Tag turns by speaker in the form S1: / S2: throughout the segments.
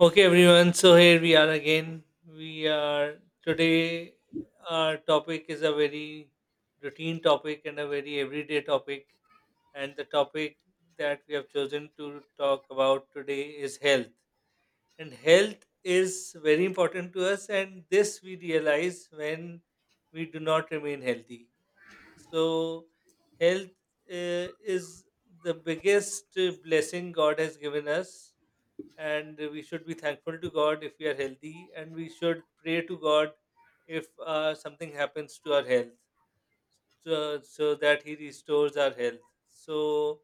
S1: Okay, everyone. So here we are again. We are today. Our topic is a very routine topic and a very everyday topic. And the topic that we have chosen to talk about today is health. And health is very important to us. And this we realize when we do not remain healthy. So, health is the biggest blessing God has given us, and we should be thankful to God if we are healthy, and we should pray to God if something happens to our health, so that He restores our health. So,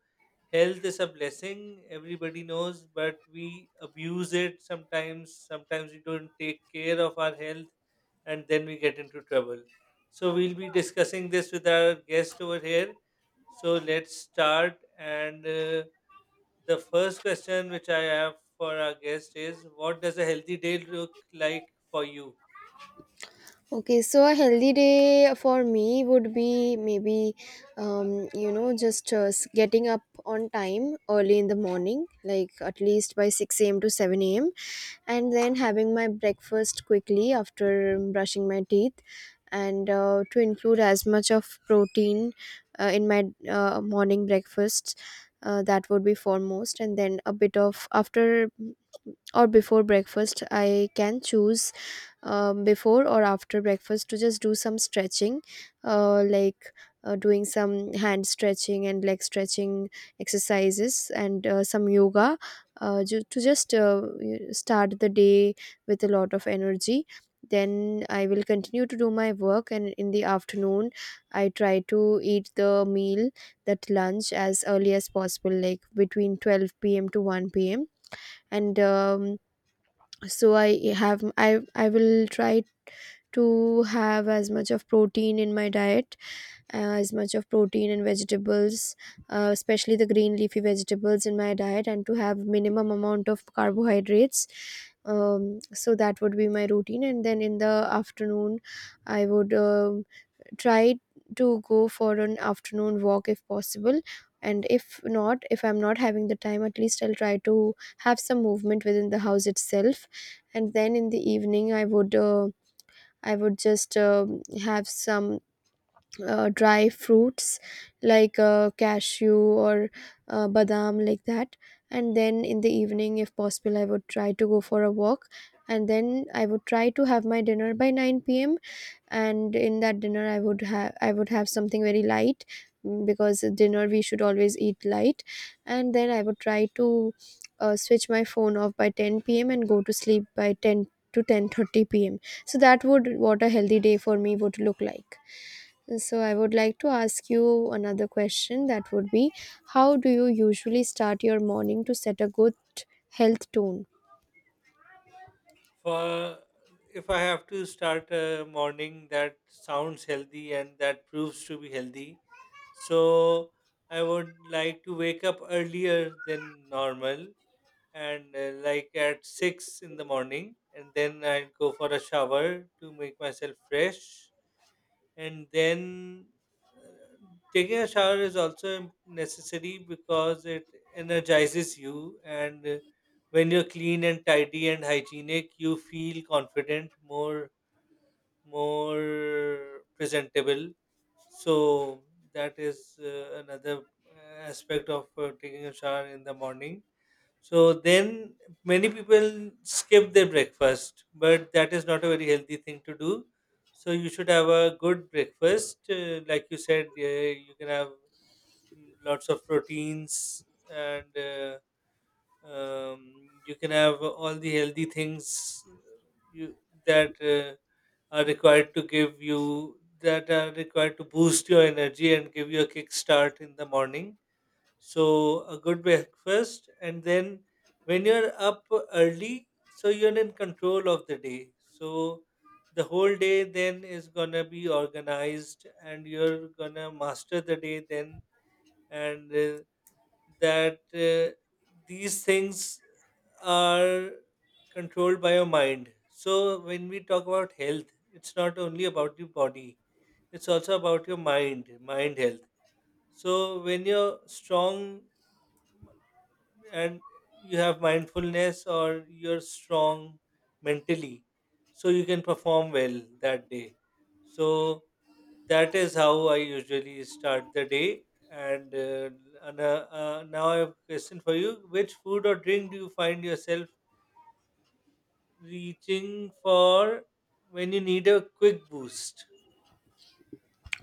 S1: health is a blessing, everybody knows, but we abuse it sometimes. Sometimes we don't take care of our health, and then we get into trouble. So, we'll be discussing this with our guest over here. So, let's start, and the first question which I have for our guest is, what does a healthy day look like for you?
S2: Okay, so a healthy day for me would be maybe, just getting up on time early in the morning, like at least by 6 a.m. to 7 a.m., and then having my breakfast quickly after brushing my teeth, and to include as much of protein in my morning breakfast. That would be foremost, and then a bit of after or before breakfast, I can choose before or after breakfast to just do some stretching uh, like doing some hand stretching and leg stretching exercises and some yoga to just start the day with a lot of energy. Then I will continue to do my work, and in the afternoon I try to eat the meal, that lunch, as early as possible, like between 12 p.m to 1 p.m. And I will try to have as much of protein in my diet, as much of protein and vegetables, especially the green leafy vegetables in my diet, and to have minimum amount of carbohydrates. So that would be my routine. And then in the afternoon I would try to go for an afternoon walk if possible, and if not, if I'm not having the time, at least I'll try to have some movement within the house itself. And then in the evening I would I would just have some dry fruits, like cashew or badam, like that. And then in the evening, if possible, I would try to go for a walk. And then I would try to have my dinner by 9 p.m., and in that dinner I would have something very light, mm, because at dinner we should always eat light. And then I would try to switch my phone off by 10 p.m and go to sleep by 10 to 10:30 p.m. So that would what a healthy day for me would look like. And so I would like to ask you another question, that would be, how do you usually start your morning to set a good health tone?
S1: For if I have to start a morning that sounds healthy and that proves to be healthy, so I would like to wake up earlier than normal, and like at 6 in the morning, and then I would go for a shower to make myself fresh. And then, uh, taking a shower is also necessary, because it energizes you. And when you're clean and tidy and hygienic, you feel confident, more more presentable. So that is another aspect of taking a shower in the morning. So then, many people skip their breakfast, but that is not a very healthy thing to do. So you should have a good breakfast. Like you said, you can have mm, lots of proteins, and you can have all the healthy things you, that are required to give you, that are required to boost your energy and give you a kick start in the morning. So a good breakfast, and then when you're up early, so you're in control of the day. So the whole day then is gonna be organized, and you're gonna master the day then, and that these things are controlled by your mind. So when we talk about health, it's not only about the body; it's also about your mind, mind health. So when you're strong and you have mindfulness, or you're strong mentally, so you can perform well that day. So that is how I usually start the day. And uh, and, uh, uh, now I have a question for you: which food or drink do you find yourself reaching for when you need a quick boost?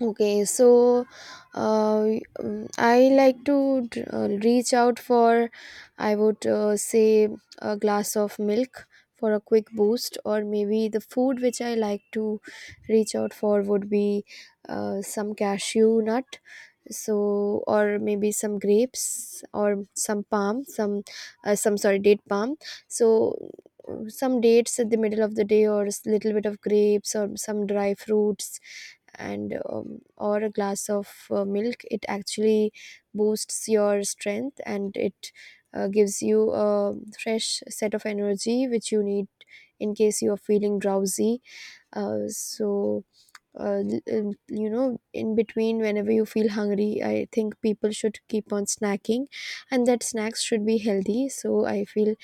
S2: Okay, so uh, I like to reach out for, I would say, a glass of milk for a quick boost. Or maybe the food which I like to reach out for would be some cashew nut. So, or maybe some grapes or some palm, some sorry, date palm. So some dates at the middle of the day, or a little bit of grapes, or some dry fruits, and or a glass of milk. It actually boosts your strength, and it gives you a fresh set of energy which you need in case you are feeling drowsy. uh, so you know, in between, whenever you feel hungry, I think people should keep on snacking, and that snacks should be healthy. So I feel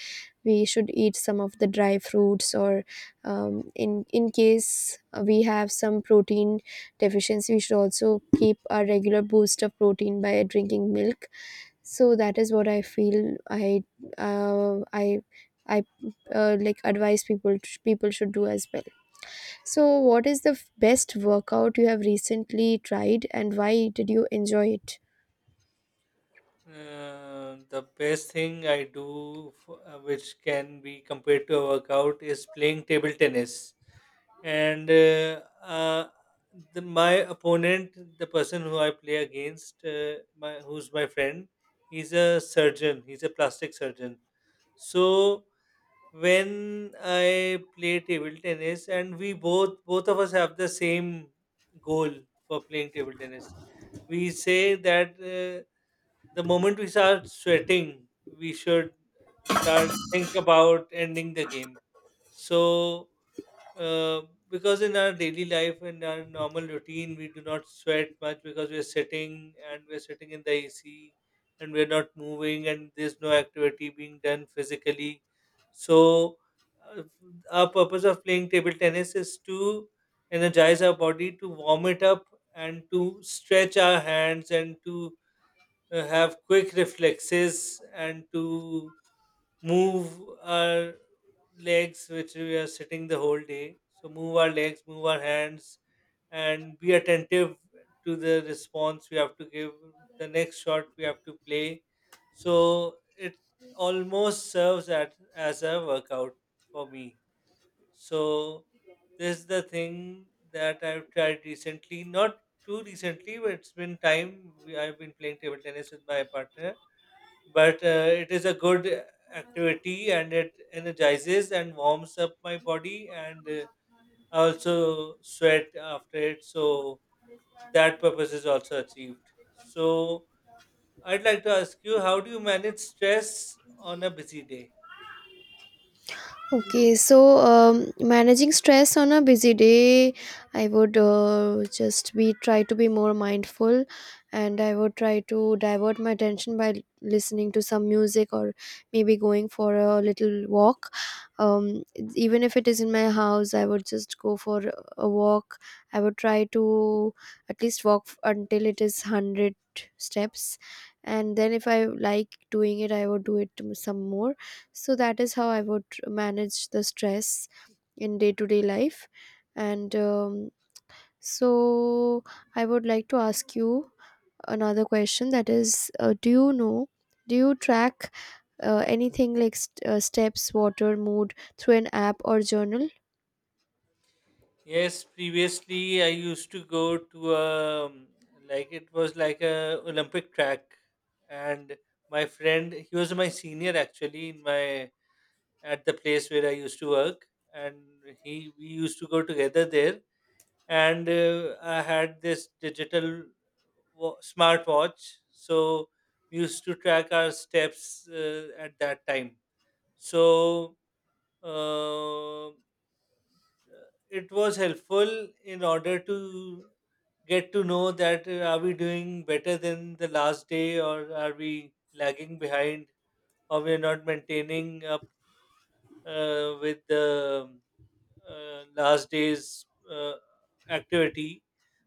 S2: we should eat some of the dry fruits, or in case we have some protein deficiency, we should also keep a regular boost of protein by drinking milk. So that is what I feel uh, i I like advise people, people should do as well. So what is the best workout you have recently tried, and why did you enjoy it?
S1: The best thing I do, which can be compared to a workout, is playing table tennis. And The, my opponent, the person who I play against, my who's my friend, he's a surgeon. He's a plastic surgeon. So when I play table tennis, and we both of us have the same goal for playing table tennis, we say that. The moment we start sweating, we should start think about ending the game. So, uh, because in our daily life, in our normal routine, we do not sweat much, because we're sitting and we're sitting in the AC, and we're not moving, and there's no activity being done physically. So, uh, our purpose of playing table tennis is to energize our body, to warm it up, and to stretch our hands, and to have quick reflexes, and to move our legs, which we are sitting the whole day. So, move our legs, move our hands, and be attentive to the response we have to give, the next shot we have to play. So, it almost serves at, as a workout for me. So this is the thing that I've tried recently, not too recently, but it's been time. We, I've been playing table tennis with my partner, but it is a good activity, and it energizes and warms up my body. And I also sweat after it. So that purpose is also achieved. So I'd like to ask you, how do you manage stress on a busy day?
S2: Okay, so managing stress on a busy day, I would just be try to be more mindful, and I would try to divert my attention by listening to some music or maybe going for a little walk. Um, even if it is in my house, I would just go for a walk. I would try to at least walk until it is 100 steps, and then if I like doing it, I would do it some more. So that is how I would manage the stress in day to day life. And um, so I would like to ask you another question, that is, do you track anything like steps, water, mood through an app or journal?
S1: Yes, previously I used to go to like it was like a Olympic track, and my friend, he was my senior actually in my at the place where I used to work, and he we used to go together there. And I had this digital smartwatch, so we used to track our steps at that time. So. Uh, it was helpful in order to get to know that, are we doing better than the last day, or are we lagging behind, or we're not maintaining up with the last day's uh, activity.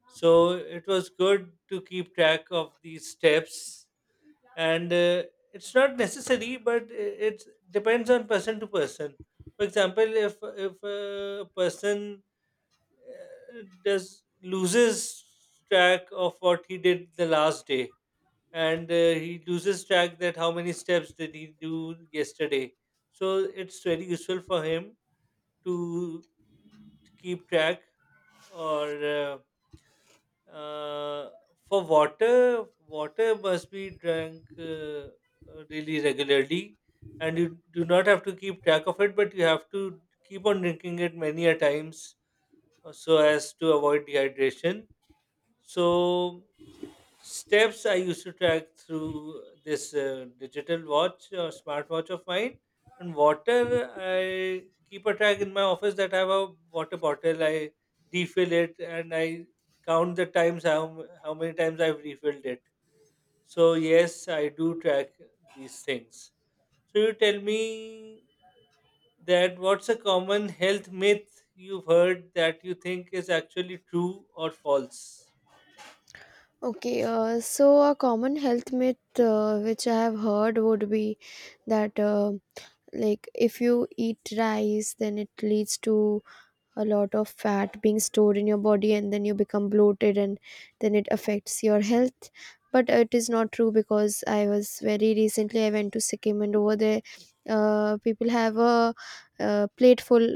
S1: So it was good to keep track of these steps. And it's not necessary, but it depends on person to person. For example, if a person does loses track of what he did the last day, and he loses track that how many steps did he do yesterday, so it's very useful for him to, to keep track. Or uh, for water, water must be drank really regularly, and you do not have to keep track of it, but you have to keep on drinking it many a times, so as to avoid dehydration. So steps I used to track through this digital watch or smartwatch of mine, and water I keep a track in my office that I have a water bottle. I refill it, and I count the times, how many times I've refilled it. So yes, I do track these things. So you tell me that, what's a common health myth you've heard that you think is actually true or false?
S2: Okay, so a common health myth which I have heard would be that, like if you eat rice, then it leads to a lot of fat being stored in your body, and then you become bloated and then it affects your health. But it is not true, because I was very recently, I went to Sikkim, and over there people have a, plate full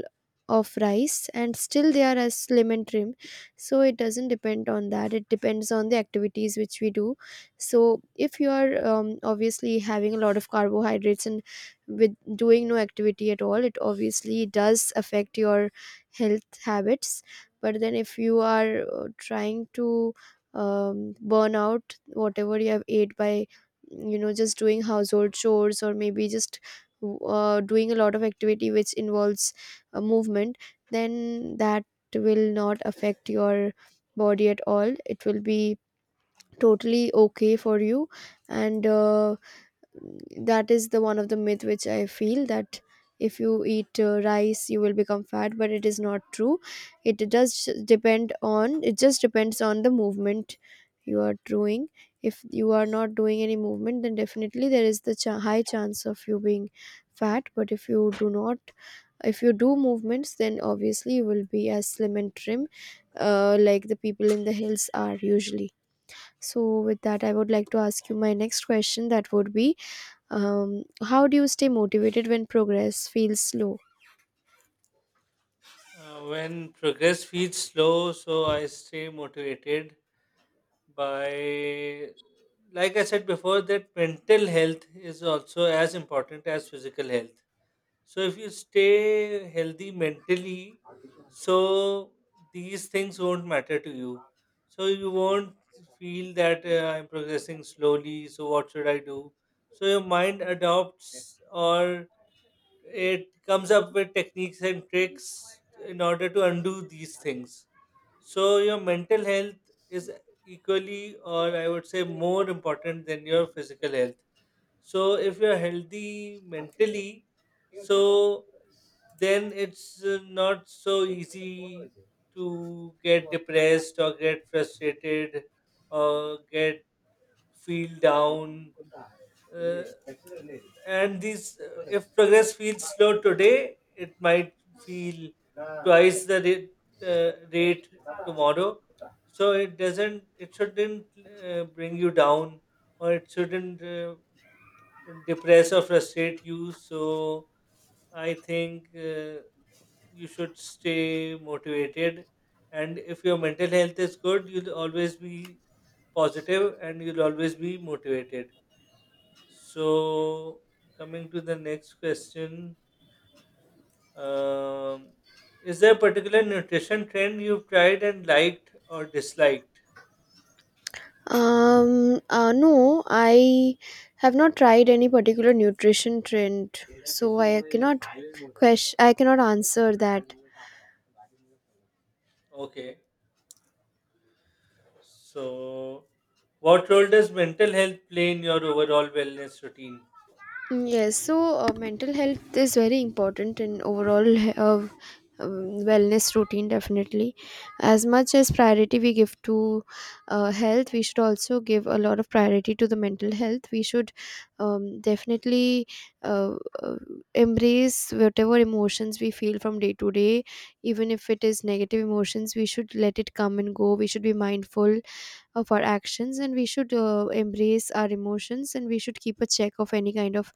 S2: of rice and still they are as slim and trim. So it doesn't depend on that, it depends on the activities which we do. So if you are obviously having a lot of carbohydrates and with doing no activity at all, it obviously does affect your health habits. But then if you are trying to burn out whatever you have ate by, you know, just doing household chores, or maybe just doing a lot of activity which involves movement, then that will not affect your body at all, it will be totally okay for you. And that is the one of the myth which I feel, that if you eat rice you will become fat, but it is not true. It does depend on, it just depends on the movement you are doing. If you are not doing any movement, then definitely there is the high chance of you being fat. But if you do not, if you do movements, then obviously you will be as slim and trim, like the people in the hills are usually. So with that, I would like to ask you my next question, that would be, how do you stay motivated when progress feels slow?
S1: When progress feels slow, so I stay motivated by, like I said before, that mental health is also as important as physical health. So if you stay healthy mentally, so these things won't matter to you. So you won't feel that, I'm progressing slowly. So what should I do? So your mind adopts, or it comes up with techniques and tricks in order to undo these things. So your mental health is equally, or I would say, more important than your physical health. So if you're healthy mentally, so then it's not so easy to get depressed, or get frustrated, or get feel down. uh, and these, if progress feels slow today, it might feel twice the rate, rate tomorrow. So it doesn't, it shouldn't bring you down, or it shouldn't depress or frustrate you. So I think, you should stay motivated, and if your mental health is good, you'll always be positive and you'll always be motivated. So, coming to the next question, um, is there a particular nutrition trend you've tried and liked or disliked?
S2: No, I have not tried any particular nutrition trend, so I cannot question. I cannot answer that.
S1: Okay, so what role does mental health play in your overall wellness routine?
S2: Mm, yes. So mental health is very important in overall um, wellness routine, definitely. As much as priority we give to health, we should also give a lot of priority to the mental health. We should definitely uh, uh, embrace whatever emotions we feel from day to day, even if it is negative emotions, we should let it come and go. We should be mindful of our actions, and we should embrace our emotions, and we should keep a check of any kind of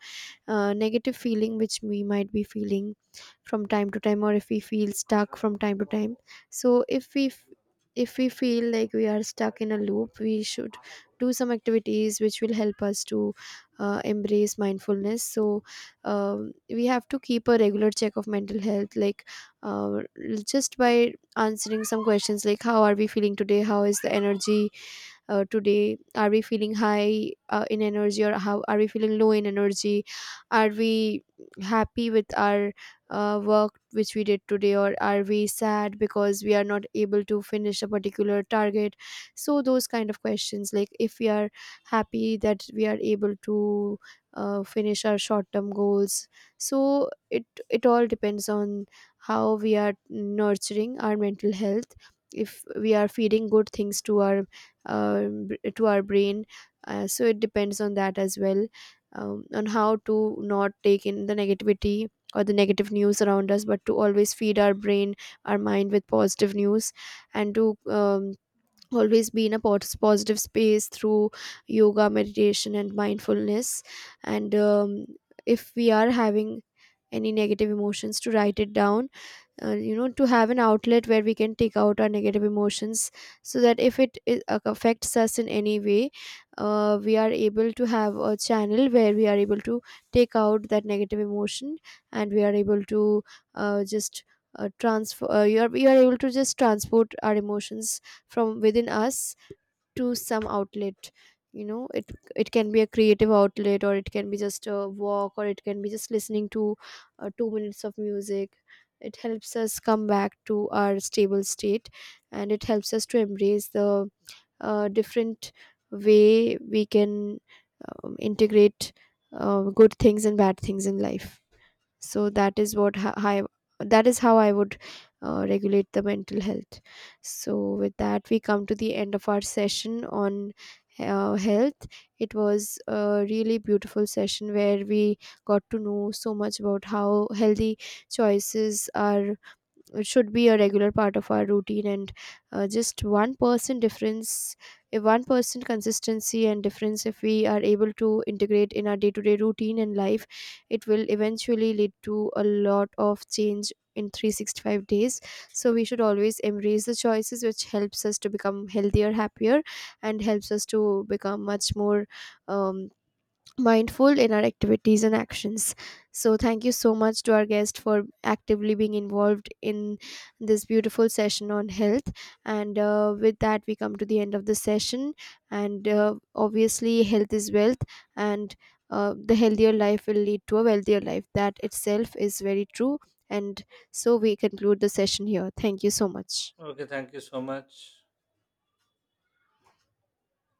S2: negative feeling which we might be feeling from time to time, or if we feel stuck from time to time. So if we feel like we are stuck in a loop, we should do some activities which will help us to embrace mindfulness. So we have to keep a regular check of mental health, like uh, just by answering some questions, like how are we feeling today, how is the energy today, are we feeling high in energy, or how are we feeling low in energy. Are we happy with our work which we did today, or are we sad because we are not able to finish a particular target? So those kind of questions, like if we are happy that we are able to finish our short term goals. So it all depends on how we are nurturing our mental health. If we are feeding good things to our to our brain, so it depends on that as well. Um, on how to not take in the negativity or the negative news around us, but to always feed our brain, our mind, with positive news, and to always be in a positive space through yoga, meditation and mindfulness. And if we are having any negative emotions, to write it down, you know, to have an outlet where we can take out our negative emotions, so that if it affects us in any way, we are able to have a channel where we are able to take out that negative emotion, and we are able to just transfer you are able to just transport our emotions from within us to some outlet. You know, it can be a creative outlet, or it can be just a walk, or it can be just listening to 2 minutes of music. It helps us come back to our stable state, and it helps us to embrace the different way we can integrate good things and bad things in life. So that is what that is how I would regulate the mental health. So with that, we come to the end of our session on health. It was a really beautiful session where we got to know so much about how healthy choices are, it should be a regular part of our routine. And just one person difference, if one person consistency and difference, if we are able to integrate in our day-to-day routine and life, it will eventually lead to a lot of change in 365 days. So we should always embrace the choices which helps us to become healthier, happier, and helps us to become much more um, mindful in our activities and actions. So, thank you so much to our guest for actively being involved in this beautiful session on health. And with that, we come to the end of the session. And obviously, health is wealth, and the healthier life will lead to a wealthier life. That itself is very true. And so, we conclude the session here. Thank you so much.
S1: Okay, thank you so much.